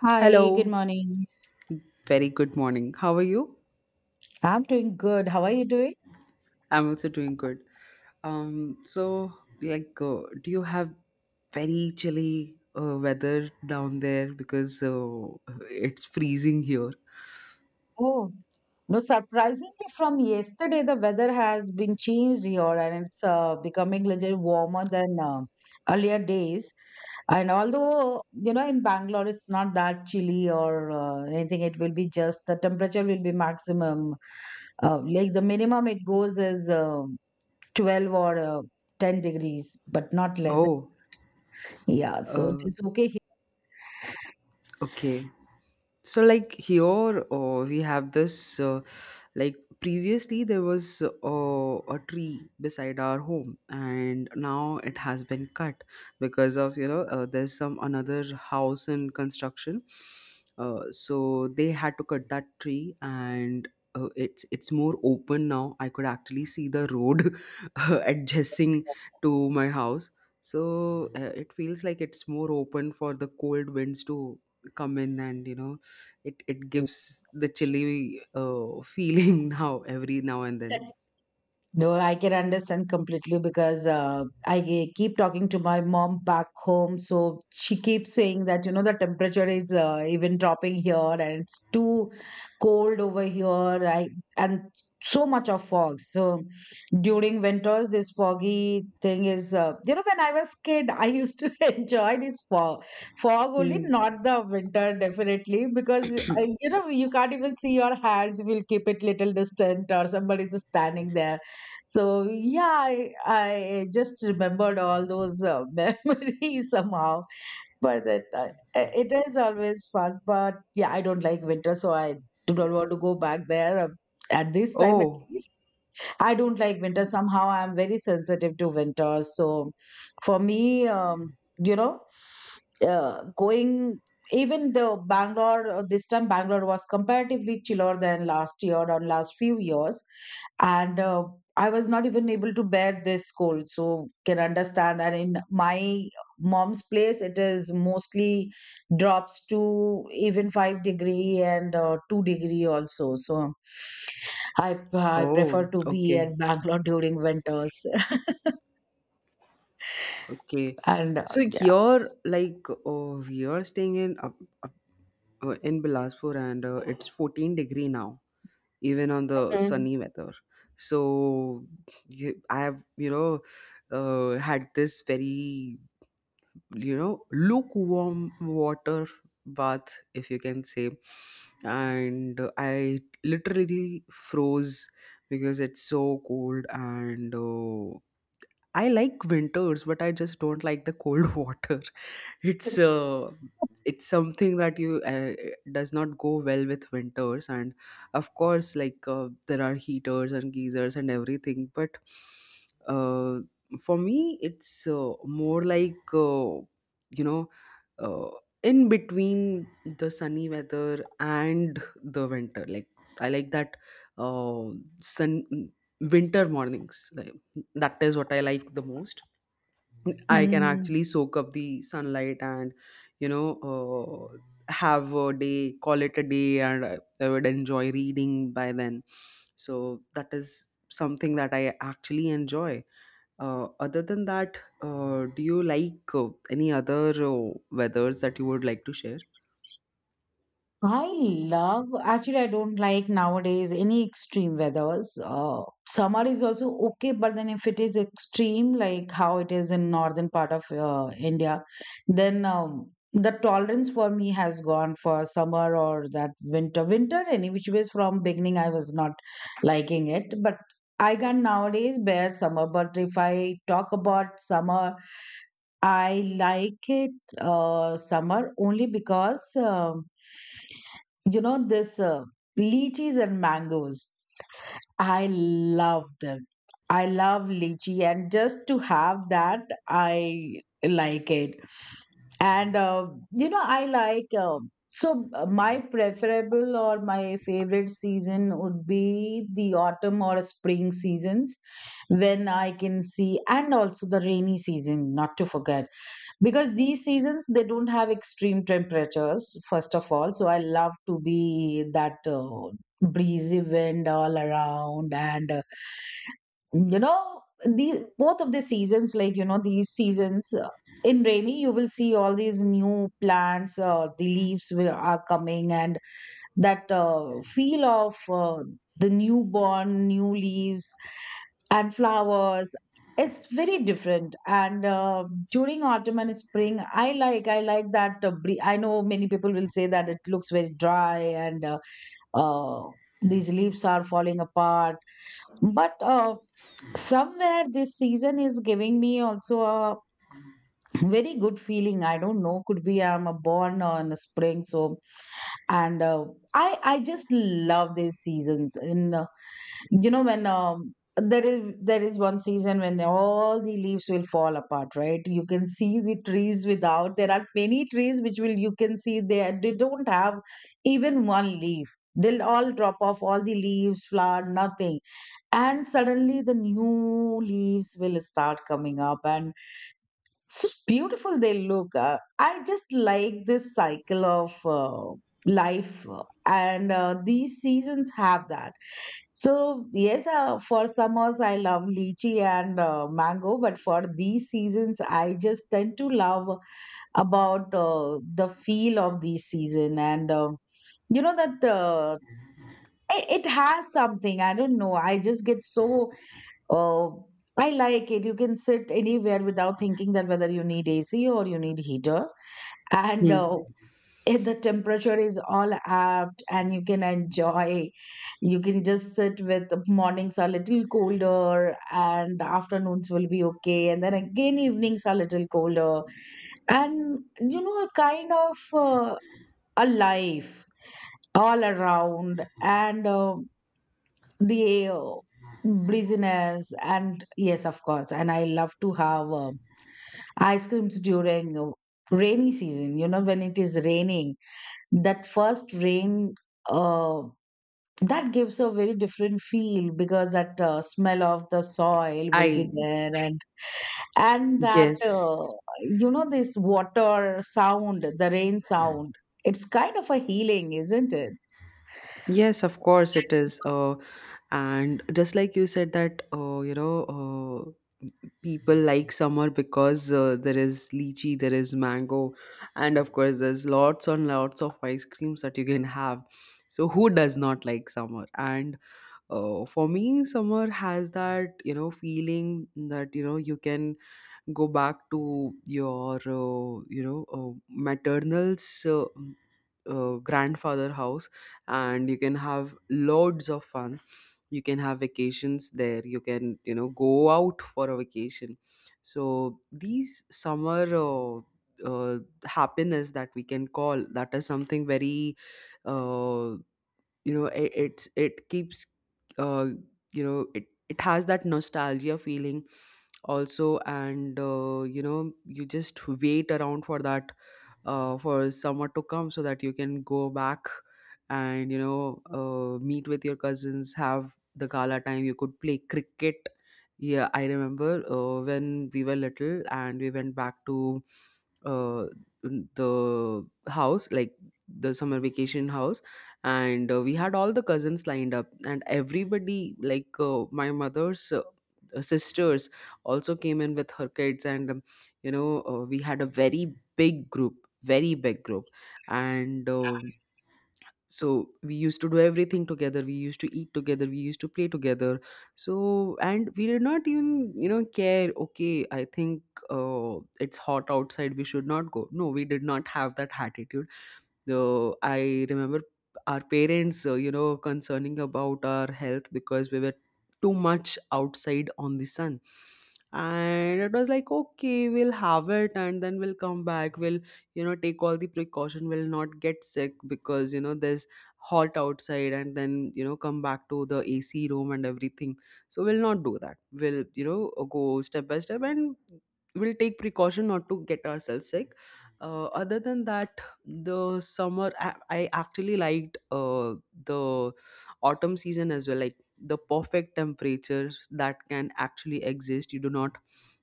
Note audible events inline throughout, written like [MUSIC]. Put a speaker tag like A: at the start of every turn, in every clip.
A: Hi, good
B: Hello,
A: morning.
B: very good morning. How are you?
A: I'm doing good. How are you doing?
B: I'm also doing good. Um, so do you have very chilly weather down there because it's freezing here?
A: Oh, no, surprisingly, from yesterday, the weather has been changed here and it's becoming a little warmer than earlier days. And, although, you know, in Bangalore, it's not that chilly or anything. It will be just the temperature will be maximum. Like the minimum it goes is 12 or 10 degrees, but not less.
B: Oh,
A: Yeah, so it
B: uh,
A: is okay here.
B: okay. So like here we have this. Previously there was a tree beside our home and now it has been cut because of there's some another house in construction, so they had to cut that tree. And it's more open now. I could actually see the road [LAUGHS] adjacent to my house. So it feels like it's more open for the cold winds to come in, and it gives the chilly [LAUGHS] feeling now every now and then.
A: [LAUGHS] No, I can understand completely because keep talking to my mom back home. So she keeps saying that, you know, the temperature is even dropping here and it's too cold over here. I, and so much of fog. So during winters, this foggy thing is, you know, when I was kid, I used to [LAUGHS] enjoy this fog. Fog only,
B: Mm.
A: not the winter, definitely, because, you know, you can't even see your hands. We'll keep it little distant or somebody's standing there, so yeah, I just remembered all those [LAUGHS] memories somehow. But it is always fun. But yeah, I don't like winter, so I do not want to go back there at this time at
B: Oh,
A: least. I don't like winter. Somehow I'm very sensitive to winter. So for me, you know, going, even the Bangalore, this time Bangalore was comparatively chiller than last year or last few years, and I was not even able to bear this cold, so can understand. And in my mom's place it is mostly drops to even 5 degree and 2-degree also. So I prefer
B: oh,
A: to be
B: okay,
A: in Bangalore during winters. [LAUGHS]
B: okay.
A: And
B: So
A: yeah.
B: you're we are staying in up, in Bilaspur, and it's 14 degree now, even on the sunny weather. So I have, you know, had this very, you know, lukewarm water bath, if you can say. And I literally froze because it's so cold. And I like winters, but I just don't like the cold [LAUGHS] water. it's uh, it's something that you does not go well with winters. And of course, there are heaters and geysers and everything. But uh, for me it's more like you know uh, in between the sunny weather and the winter. Like, I like that uh, sun, winter mornings. Like, that is what I like the most. I can
A: Mhm.
B: actually soak up the sunlight and, you know, uh, have a day, call it a day, and I would enjoy reading by then. So that is something that I actually enjoy. Other than that, do you like any other weathers that you would like to share?
A: I love, actually, I don't like nowadays any extreme weathers. Summer is also okay, but then if it is extreme, like how it is in northern part of India, then the tolerance for me has gone for summer or that winter. Winter, any which ways from beginning, I was not liking it, but I can nowadays bear summer. But if I talk about summer, I like it, summer only because, you know, this, lychees and mangoes, I love them. I love lychee, and just to have that, I like it. And you know, I like, my preferable or my favorite season would be the autumn or spring seasons, when I can see. And also the rainy season, not to forget, because these seasons they don't have extreme temperatures first of all. So I love to be that breezy wind all around. And you know, the both of the seasons, like, you know, these seasons, in rainy you will see all these new plants, the leaves will, are coming, and that feel of the newborn, new leaves, and flowers. It's very different. And during autumn and spring, I like that. I know many people will say that it looks very dry and, uh, these leaves are falling apart. But somewhere this season is giving me also a very good feeling. I don't know. Could be I'm a born on a spring. So and I just love these seasons. And you know, when um, there is one season when all the leaves will fall apart, right? You can see the trees without, there are many trees which will, you can see, they don't have even one leaf. They'll all drop off all the leaves, flower, nothing. And suddenly the new leaves will start coming up, and so beautiful they look. I just like this cycle of life. And These seasons have that. So yes, for summers I love lychee and mango, but for these seasons I just tend to love about the feel of these season. And you know, that it has something, I don't know, I just get so. Oh, I like it. You can sit anywhere without thinking that whether you need AC or you need heater. And
B: Hmm.
A: if the temperature is all apt, and you can enjoy. You can just sit with, mornings are little colder and afternoons will be okay. And then again evenings are little colder. And you know, a kind of a life all around. And the breeziness. And yes, of course, and I love to have ice creams during rainy season, you know, when it is raining, that first rain, uh, that gives a very different feel, because that smell of the soil will be
B: I
A: there. And that
B: Yes,
A: you know, this water sound, the rain sound, it's kind of a healing, isn't it?
B: yes, of course it is. And just like you said that, uh, people like summer because there is lychee, there is mango, and of course there's lots and lots of ice creams that you can have. So who does not like summer? And for me summer has that, you know, feeling that, you know, you can go back to your maternal's grandfather house, and you can have loads of fun. You can have vacations there, you can, you know, go out for a vacation. So these summer uh, happiness that we can call, that is something very, uh, you know, it keeps, uh you know, it has that nostalgia feeling also. And you know, you just wait around for that, for summer to come so that you can go back and, you know, meet with your cousins, have the gala time, you could play cricket. Yeah, I remember when we were little and we went back to uh, the house, like the summer vacation house. And we had all the cousins lined up and everybody, like my mother's sisters also came in with her kids. And you know, we had a very big group, very big group. And so we used to do everything together, we used to eat together, we used to play together. So, and we did not even, you know, care. Okay, I think uh, it's hot outside, we should not go. No, we did not have that attitude. Though I remember our parents, you know, concerning about our health because we were too much outside on the sun. And it was like, okay, we'll have it and then we'll come back. We'll, you know, take all the precaution. We'll not get sick because, you know, there's hot outside and then, you know, come back to the AC room and everything. So we'll not do that. We'll, you know, go step by step and we'll take precaution not to get ourselves sick. Other than that, the summer I actually liked the autumn season as well, like the perfect temperature that can actually exist. You do not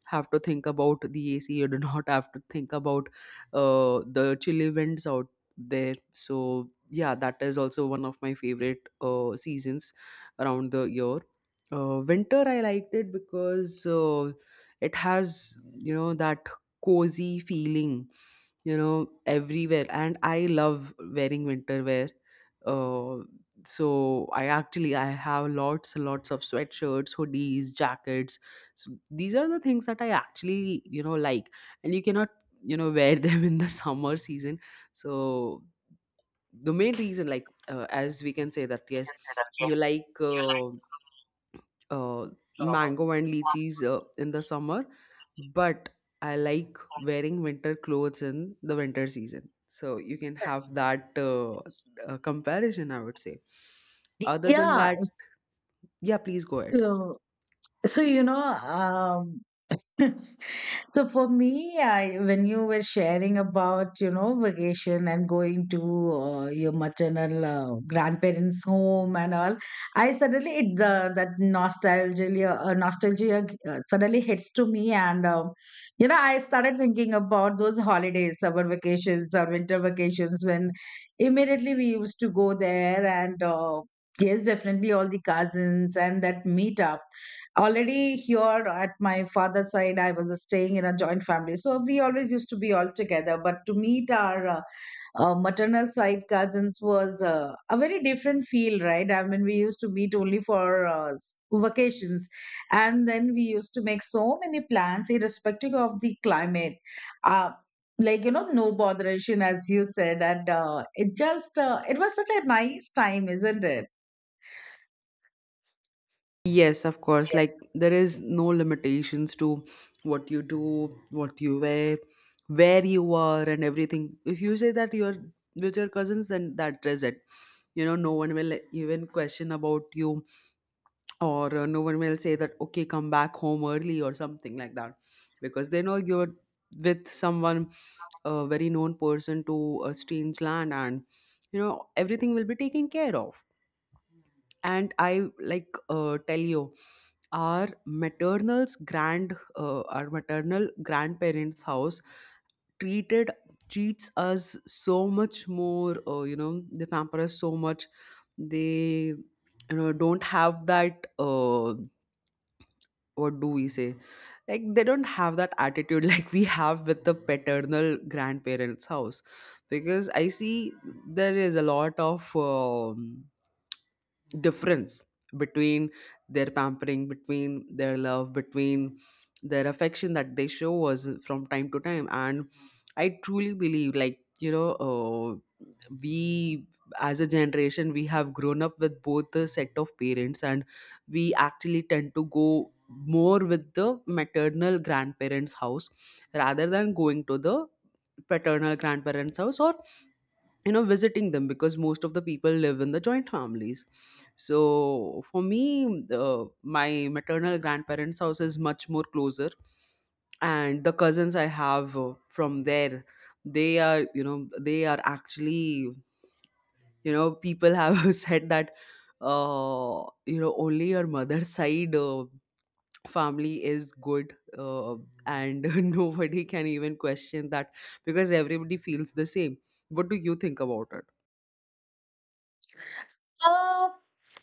B: have to think about the ac, you do [LAUGHS] not have to think about the chilly winds out there. So yeah, that is also one of my favorite seasons around the year. Winter I liked it because it has, you know, that cozy feeling, you know, everywhere. And I love wearing winter wear. uh, so I actually, I have lots and lots of sweatshirts, hoodies, jackets. So these are the things that I actually, you know, like. And you cannot, you know, wear them [LAUGHS] in the summer season. So the main reason, like as we can say that, yes, you like uh, mango and lychees in the summer, but I like wearing winter clothes in the winter season. So you can have that comparison, I would say. Other than
A: yeah,
B: that,
A: s-
B: yeah, please go ahead.
A: uh, So, you know, [LAUGHS] so for me, I, when you were sharing about, you know, vacation and going to your maternal grandparents' home and all, I suddenly, it that nostalgia nostalgia suddenly hits to me. And you know, I started thinking about those holidays, summer vacations or winter vacations, when immediately we used to go there. And yes, definitely all the cousins and that meet up already here at my father's side, I was staying in a joint family, so we always used to be all together. But to meet our maternal side cousins was a very different feel, right? I mean, we used to meet only for vacations, and then we used to make so many plans irrespective of the climate. uh, like, you know, no botheration, as you said. And it was such a nice time, isn't it?
B: Yes, of course. Like there is no limitations to what you do, what you wear, where you are, and everything. If you say that you're with your cousins, then that is it. You know, no one will even question about you, or no one will say that okay, come back home early or something like that, because they know you're with someone, a very known person, to a strange land, and, you know, everything will be taken care of. And I like, tell you, our maternal's grand our maternal grandparents house treated treats us so much more. You know, they pamper us so much. They, you know, don't have that, what do we say, like, they don't have that attitude [LAUGHS] like we have with the paternal grandparents house. Because I see there is a lot of difference between their pampering, between their love, between their affection that they show us from time to time. And I truly believe, like, you know, we as a generation, we have grown up with both the set of parents, and we actually tend to go more with the maternal grandparents house rather than going to the paternal grandparents house, or, you know, visiting them, because most of the people live in the joint families. So for me, my maternal grandparents house is much more closer. And the cousins I have from there, they are, you know, they are actually, you know, people have [LAUGHS] said that, you know, only your mother's side family is good, and [LAUGHS] nobody can even question that, because everybody feels the same. What do you think about it?
A: Uh,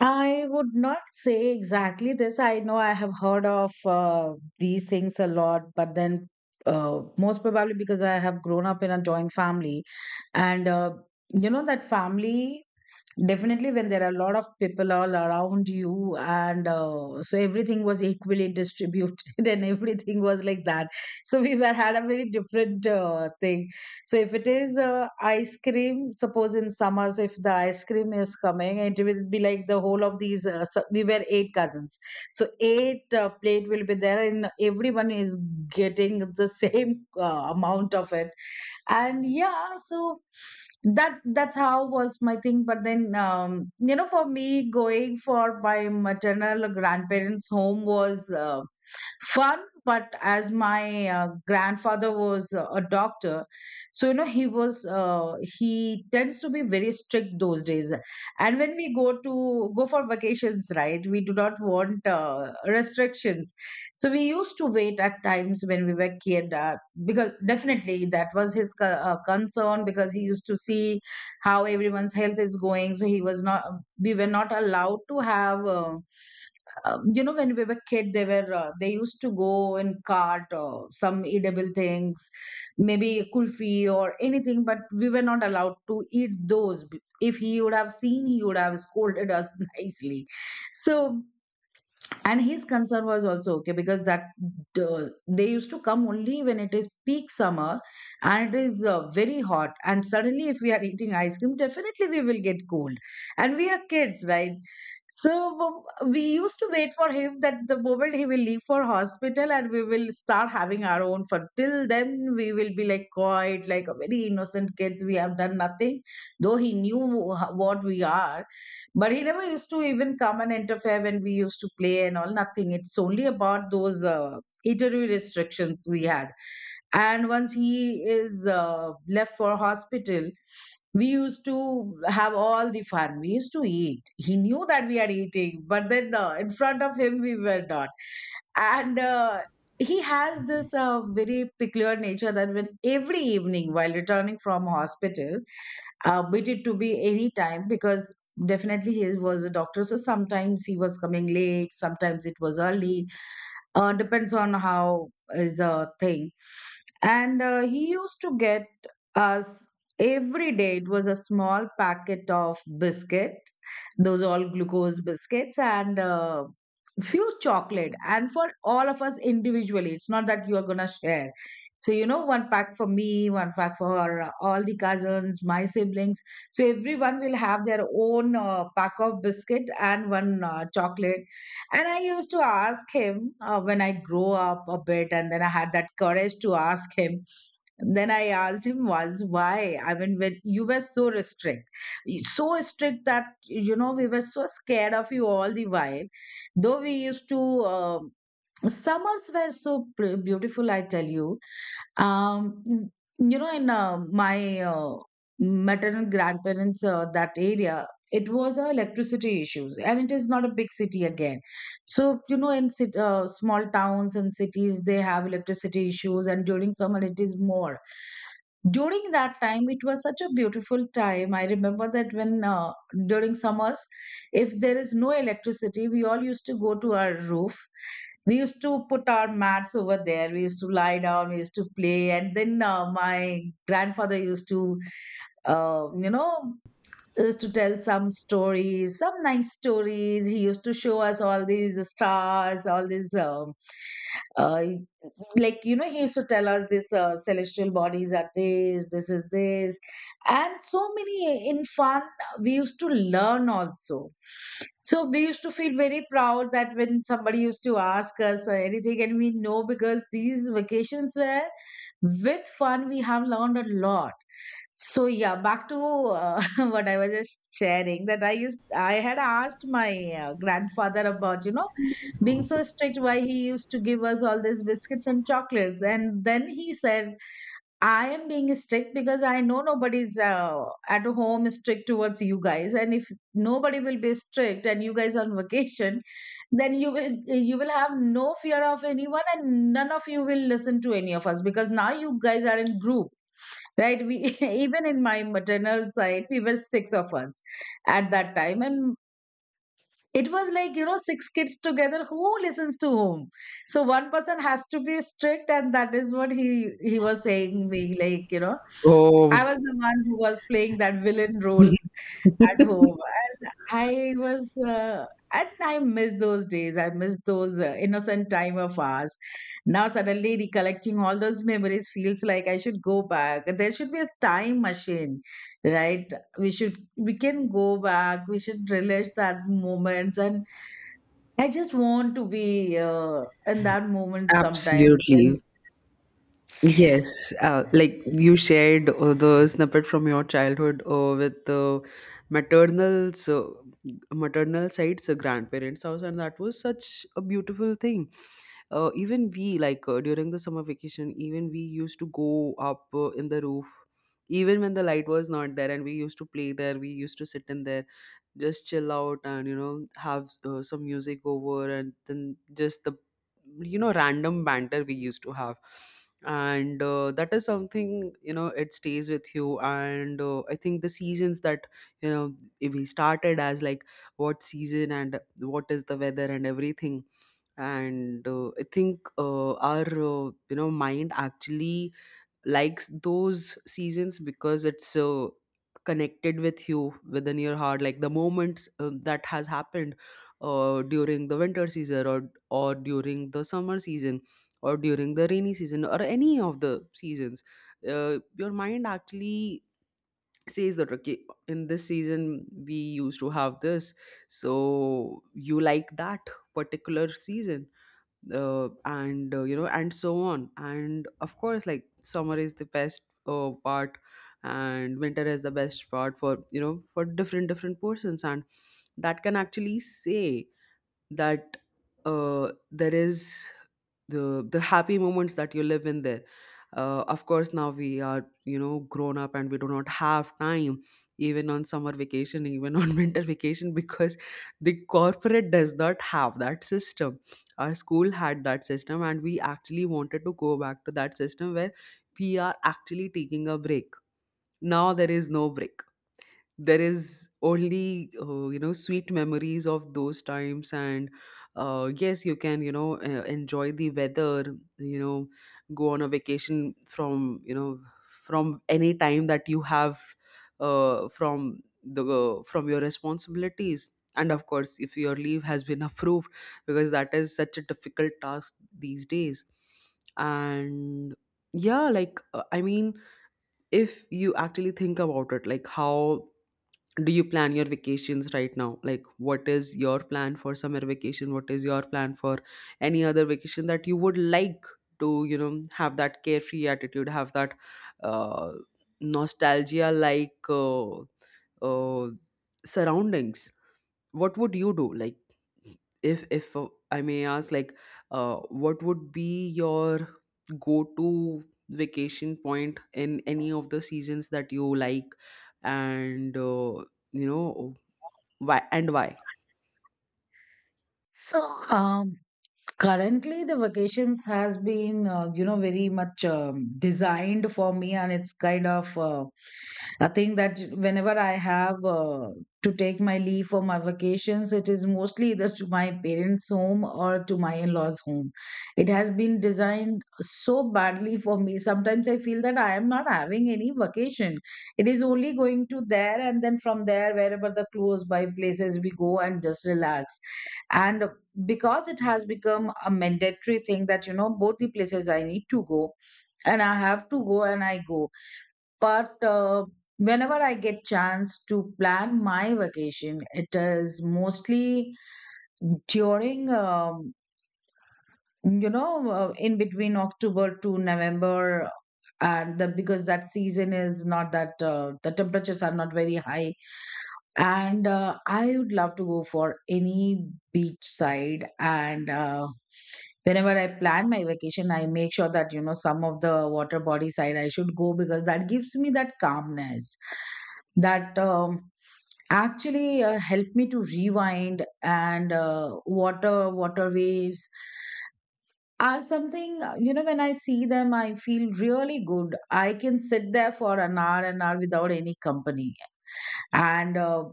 A: I would not say exactly this. I know I have heard of these things a lot, but then most probably because I have grown up in a joint family, and you know that family, definitely, when there are a lot of people all around you, and so everything was equally distributed, [LAUGHS] and everything was like that. So we were had a very different thing. So if it is ice cream, suppose in summers, if the ice cream is coming, it will be like the whole of these. So we were eight cousins, so eight plate will be there, and everyone is getting the [LAUGHS] same amount of it. And yeah, so that's how was my thing. But then you know, for me, going for my maternal grandparents home was fun. But as my grandfather was a doctor, so you know, he tends to be very strict those days. And when we go to go for vacations, right, we do not want restrictions. So we used to wait at times when we were kid, because definitely that was his concern, because he used to see how everyone's health is going. So he was not, we were not allowed to have. You know, when we were kid, they used to go and cart or some edible things, maybe kulfi or anything, but we were not allowed to eat those. If he would have seen, he would have scolded us [LAUGHS] nicely. So, and his concern was also okay, because that they used to come only when it is peak summer, and it is very hot, and suddenly if we are eating ice cream, definitely we will get cold, and we are kids, right? So we used to wait for him, that the moment he will leave for hospital, and we will start having our own fun. Till then we will be like quiet, like a very innocent kids, we have done nothing. Though he knew what we are, but he never used to even come and interfere when we used to play and all, nothing. It's only about those eatery restrictions we had. And once he is left for hospital, we used to have all the fun. We used to eat. He knew that we are eating, but then in front of him, we were not. And he has this very peculiar nature that when every evening while returning from hospital, but it to be any time, because definitely he was a doctor, so sometimes he was coming late, sometimes it was early, depends on how is the thing. And he used to get us every day. It was a small packet of biscuit, those all glucose biscuits, and few chocolate. And for all of us individually, it's not that you are gonna share. So you know, one pack for me, one pack for all the cousins, my siblings. So everyone will have their own pack of biscuit and one chocolate and I used to ask him when I grow up a bit, and then I had that courage to ask him. Then I asked him once why. I mean, when you were so restrict, so strict that you know we were so scared of you all the while. Though we used to, um summers were so beautiful. I tell you, um, you know, in my maternal grandparents, that area, it was electricity issues, and it is not a big city again. So, you know, in small towns and cities, they have electricity issues, and during summer, it is more during that time. It was such a beautiful time. I remember that when during summers, if there is no electricity, we all used to go to our roof. We used to put our mats over there, we used to lie down, we used to play, and then my grandfather used to uh, you know used to tell some stories, some nice stories. He used to show us all these stars, all these, uh, like, you know, he used to tell us this celestial bodies are this, this is this. And so many in fun, we used to learn also. So we used to feel very proud that when somebody used to ask us anything, and we know because these vacations were with fun, we have learned a lot. So yeah, back to [LAUGHS] what I was just sharing, that I had asked my grandfather about, you know, being so strict, why he used to give us all these biscuits and chocolates. And then he said, I am being strict because I know nobody's at home strict towards you guys, and if nobody will be strict and you guys on vacation, then you will have no fear of anyone, and none of you will listen to any of us because now you guys are in group, right? We [LAUGHS] even in my maternal side, we were six of us at that time, and it was, like, you know, six kids together, who listens to whom? So one person has to be strict, and that is what he was saying me, like, you know,
B: Oh,
A: I was the one who was playing that villain role at home. And I was, and I miss those days. I miss those innocent time of ours. Now suddenly recollecting all those memories feels like I should go back. There should be a time machine, right? We can go back. We should relish that moments. And I just want to be in that moment sometimes when
B: absolutely. Yes. Like you shared the snippet from your childhood with the maternal, so maternal side's grandparents' house, and that was such a beautiful thing. Even we, like during the summer vacation, even we used to go up in the roof, even when the light was not there, and we used to play there. We used to sit in there, just chill out and, you know, have some music over, and then just the, you know, random banter we used to have. And that is something, you know, it stays with you. And I think the seasons, that, you know, if we started as like, what season and what is the weather and everything, and I think our you know, mind actually likes those seasons because it's connected with you within your heart, like the moments that has happened during the winter season, or during the summer season, or during the rainy season, or any of the seasons, your mind actually says that, okay, in this season we used to have this, so you like that particular season. And You know, and so on. And of course, like, summer is the best part, and winter is the best part, for, you know, for different different persons. And that can actually say that there is the happy moments that you live in there. Of course, now we are, you know, grown up, and we do not have time even on summer vacation, even on [LAUGHS] winter vacation, because the corporate does not have that system. Our school had that system, and we actually wanted to go back to that system, where we are actually taking a break. Now there is no break, there is only, you know, sweet memories of those times. And yes, you can, you know, enjoy the weather, you know, go on a vacation from, you know, from any time that you have, from the, from your responsibilities, and of course, if your leave has been [LAUGHS] approved, because that is such a difficult task these days. And yeah, like I mean, if you actually think about it, like How do you plan your vacations right now? Like, what is your plan for summer vacation? What is your plan for any other vacation that you would like to, you know, have that carefree attitude, have that uh, nostalgia, like uh, surroundings? What would you do? Like, if I may ask, like, what would be your go to vacation point in any of the seasons that you like, and you know, why and why?
A: So, um, currently, the vacations has been, you know, very much designed for me, and it's kind of a thing that whenever I have to take my leave for my vacations, it is mostly either to my parents' home or to my in-laws' home. It has been designed so badly for me. Sometimes I feel that I am not having any vacation. It is only going to there, and then from there, wherever the close by places we go and just relax. And because it has become a mandatory thing that, you know, both the places I need to go, and I have to go, and I go. But whenever I get chance to plan my vacation, it is mostly during you know, in between October to November. And the, because that season is not that the temperatures are not very high, and I would love to go for any beachside. And whenever I plan my vacation, I make sure that, you know, some of the water body side I should go because that gives me that calmness, that actually help me to rewind. And water, water waves are something, you know, when I see them, I feel really good. I can sit there for an hour, an hour, without any company. And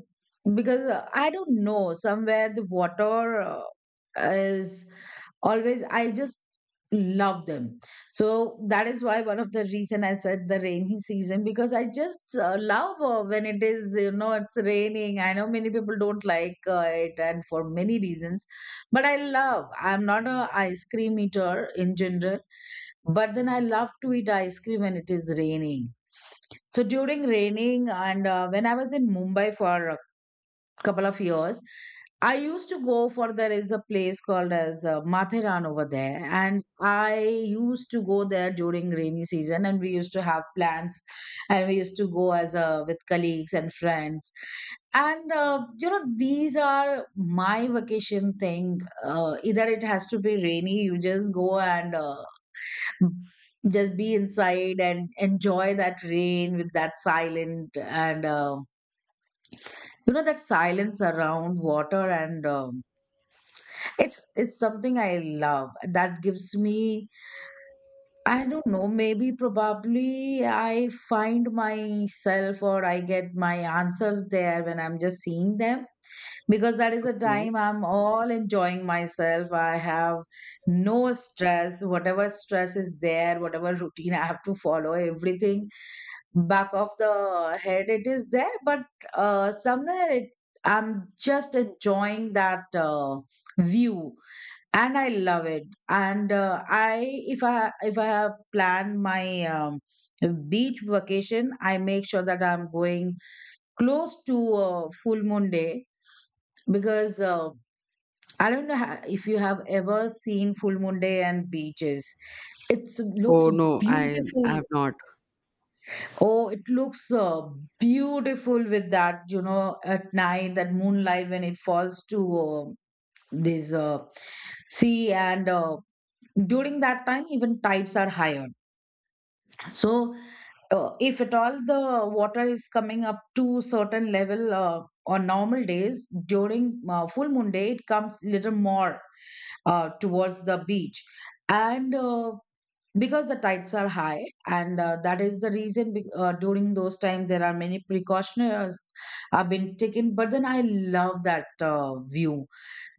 A: because I don't know, somewhere the water is always, I just love them. So that is why one of the reason I said the rainy season, because I just love when it is, you know, it's raining. I know many people don't like it, and for many reasons, but I love, I'm not a ice cream eater in general, but then I love to eat ice cream when it is raining. So during raining, and when I was in Mumbai for a couple of years, I used to go for, there is a place called as Matheran over there, and I used to go there during rainy season, and we used to have plans, and we used to go as a with colleagues and friends. And you know, these are my vacation thing. Either it has to be rainy, you just go and [LAUGHS] just be inside and enjoy that rain with that silent. And you know, that silence around water. And it's something I love. That gives me, I don't know, maybe probably I find myself, or I get my answers there when I'm just seeing them, because that is a
B: Okay.
A: time I'm all enjoying myself. I have no stress. Whatever stress is there, whatever routine I have to follow, everything back of the head it is there, but somewhere it, I'm just enjoying that view, and I love it. And I, if I have planned my beach vacation, I make sure that I'm going close to full moon day, because I don't know, if you have ever seen full moon day and beaches, it looks
B: Oh no, i
A: beautiful.
B: i have not.
A: Oh, it looks beautiful with that, you know, at night, that moonlight when it falls to this sea. And during that time, even tides are higher. So, if at all the water is coming up to certain level on normal days, during full moon day, it comes little more towards the beach. And because the tides are high, and that is the reason, during those times there are many precautions have been taken, but then I love that view,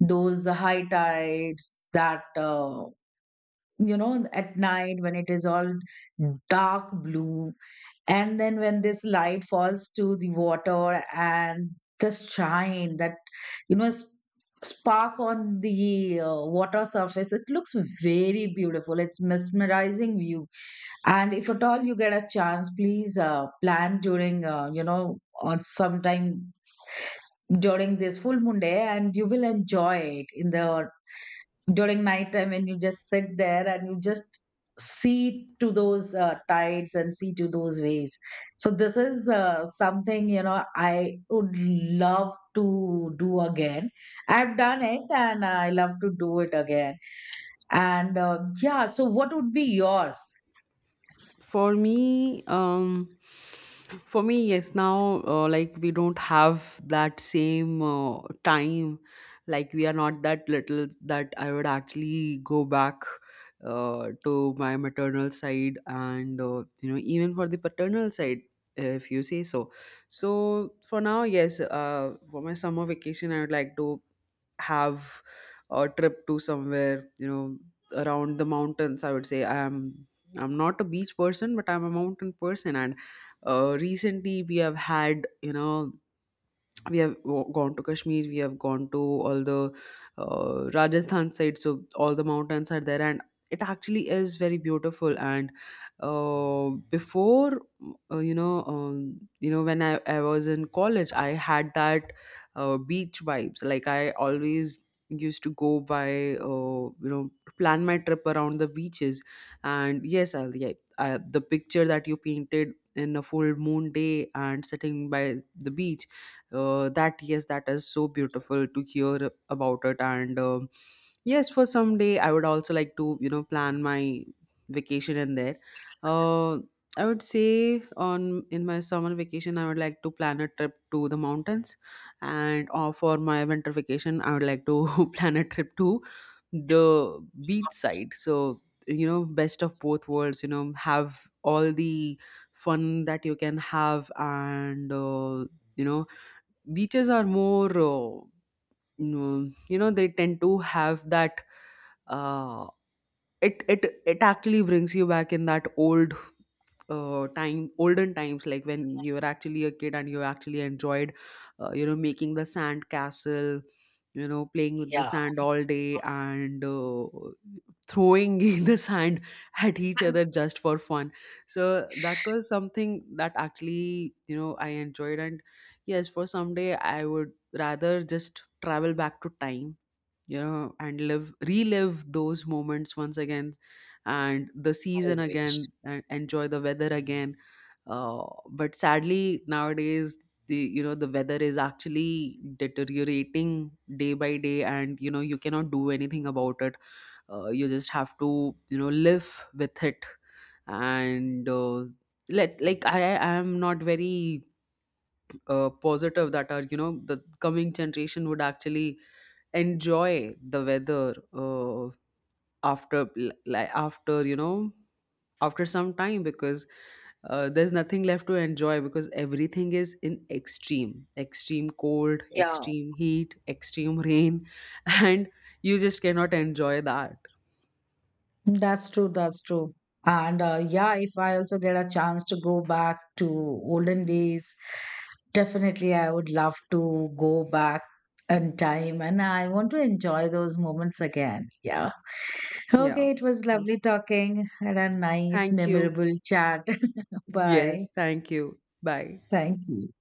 A: those high tides, that you know, at night when it is all dark blue, and then when this light falls to the water, and the shine that, you know, spark on the water surface, it looks very beautiful. It's mesmerizing view. And if at all you get a chance, please plan during, you know, or sometime during this full moon day, and you will enjoy it in the during nighttime when you just sit there and you just see to those tides and see to those waves. So this is something, you know, I would love to do again. I've done it, and I love to do it again. And yeah, so what would be yours?
B: For me, for me, yes. Now, like we don't have that same time. Like we are not that little that I would actually go back to my maternal side, and, you know, even for the paternal side, if you say so. So for now, yes. For my summer vacation, I would like to have a trip to somewhere, you know, around the mountains. I would say I'm not a beach person, but I'm a mountain person. And recently we have had, you know, we have gone to Kashmir, we have gone to all the Rajasthan side, so all the mountains are there, and it actually is very beautiful. And uh, before, uh, you know um, you know, when I was in college, I had that beach vibes, like I always used to go by, you know, plan my trip around the beaches. And yeah, I, the picture that you painted in a full moon day and sitting by the beach, that, yes, that is so beautiful to hear about it. And um, yes, for some day I would also like to, you know, plan my vacation in there. uh, I would say on, in my summer vacation, I would like to plan a trip to the mountains, and for my winter vacation, I would like to [LAUGHS] plan a trip to the beach side. So, you know, best of both worlds, you know, have all the fun that you can have. And you know, beaches are more you know, they tend to have that uh, it it actually brings you back in that old time, olden times, like when you were actually a kid and you actually enjoyed, you know, making the sand castle, you know, playing with the
A: Yeah.
B: sand all day. And throwing [LAUGHS] the sand at each other just for fun. So that was something that actually, you know, I enjoyed. And yes, for someday I would rather just travel back to time, you know, and live, relive those moments once again, and the season again, and enjoy the weather again. uh, but sadly, nowadays, the, you know, the weather is actually deteriorating day by day, and you know, you cannot do anything about it. You just have to, you know, live with it. And let, like I am not very positive that our, you know, the coming generation would actually enjoy the weather, after, like after, you know, after some time, because there's nothing left to enjoy, because everything is in extreme, extreme cold,
A: Yeah.
B: extreme heat, extreme rain, [LAUGHS] and you just cannot enjoy that.
A: That's true. That's true. And yeah, if I also get a chance to go back to olden days, definitely I would love to go back in time, and I want to enjoy those moments again. Yeah.
B: Yeah.
A: Okay, it was
B: So,
A: lovely talking and a nice,
B: thank you.
A: memorable chat. [LAUGHS] Bye.
B: Yes, thank you. Bye.
A: Thank you.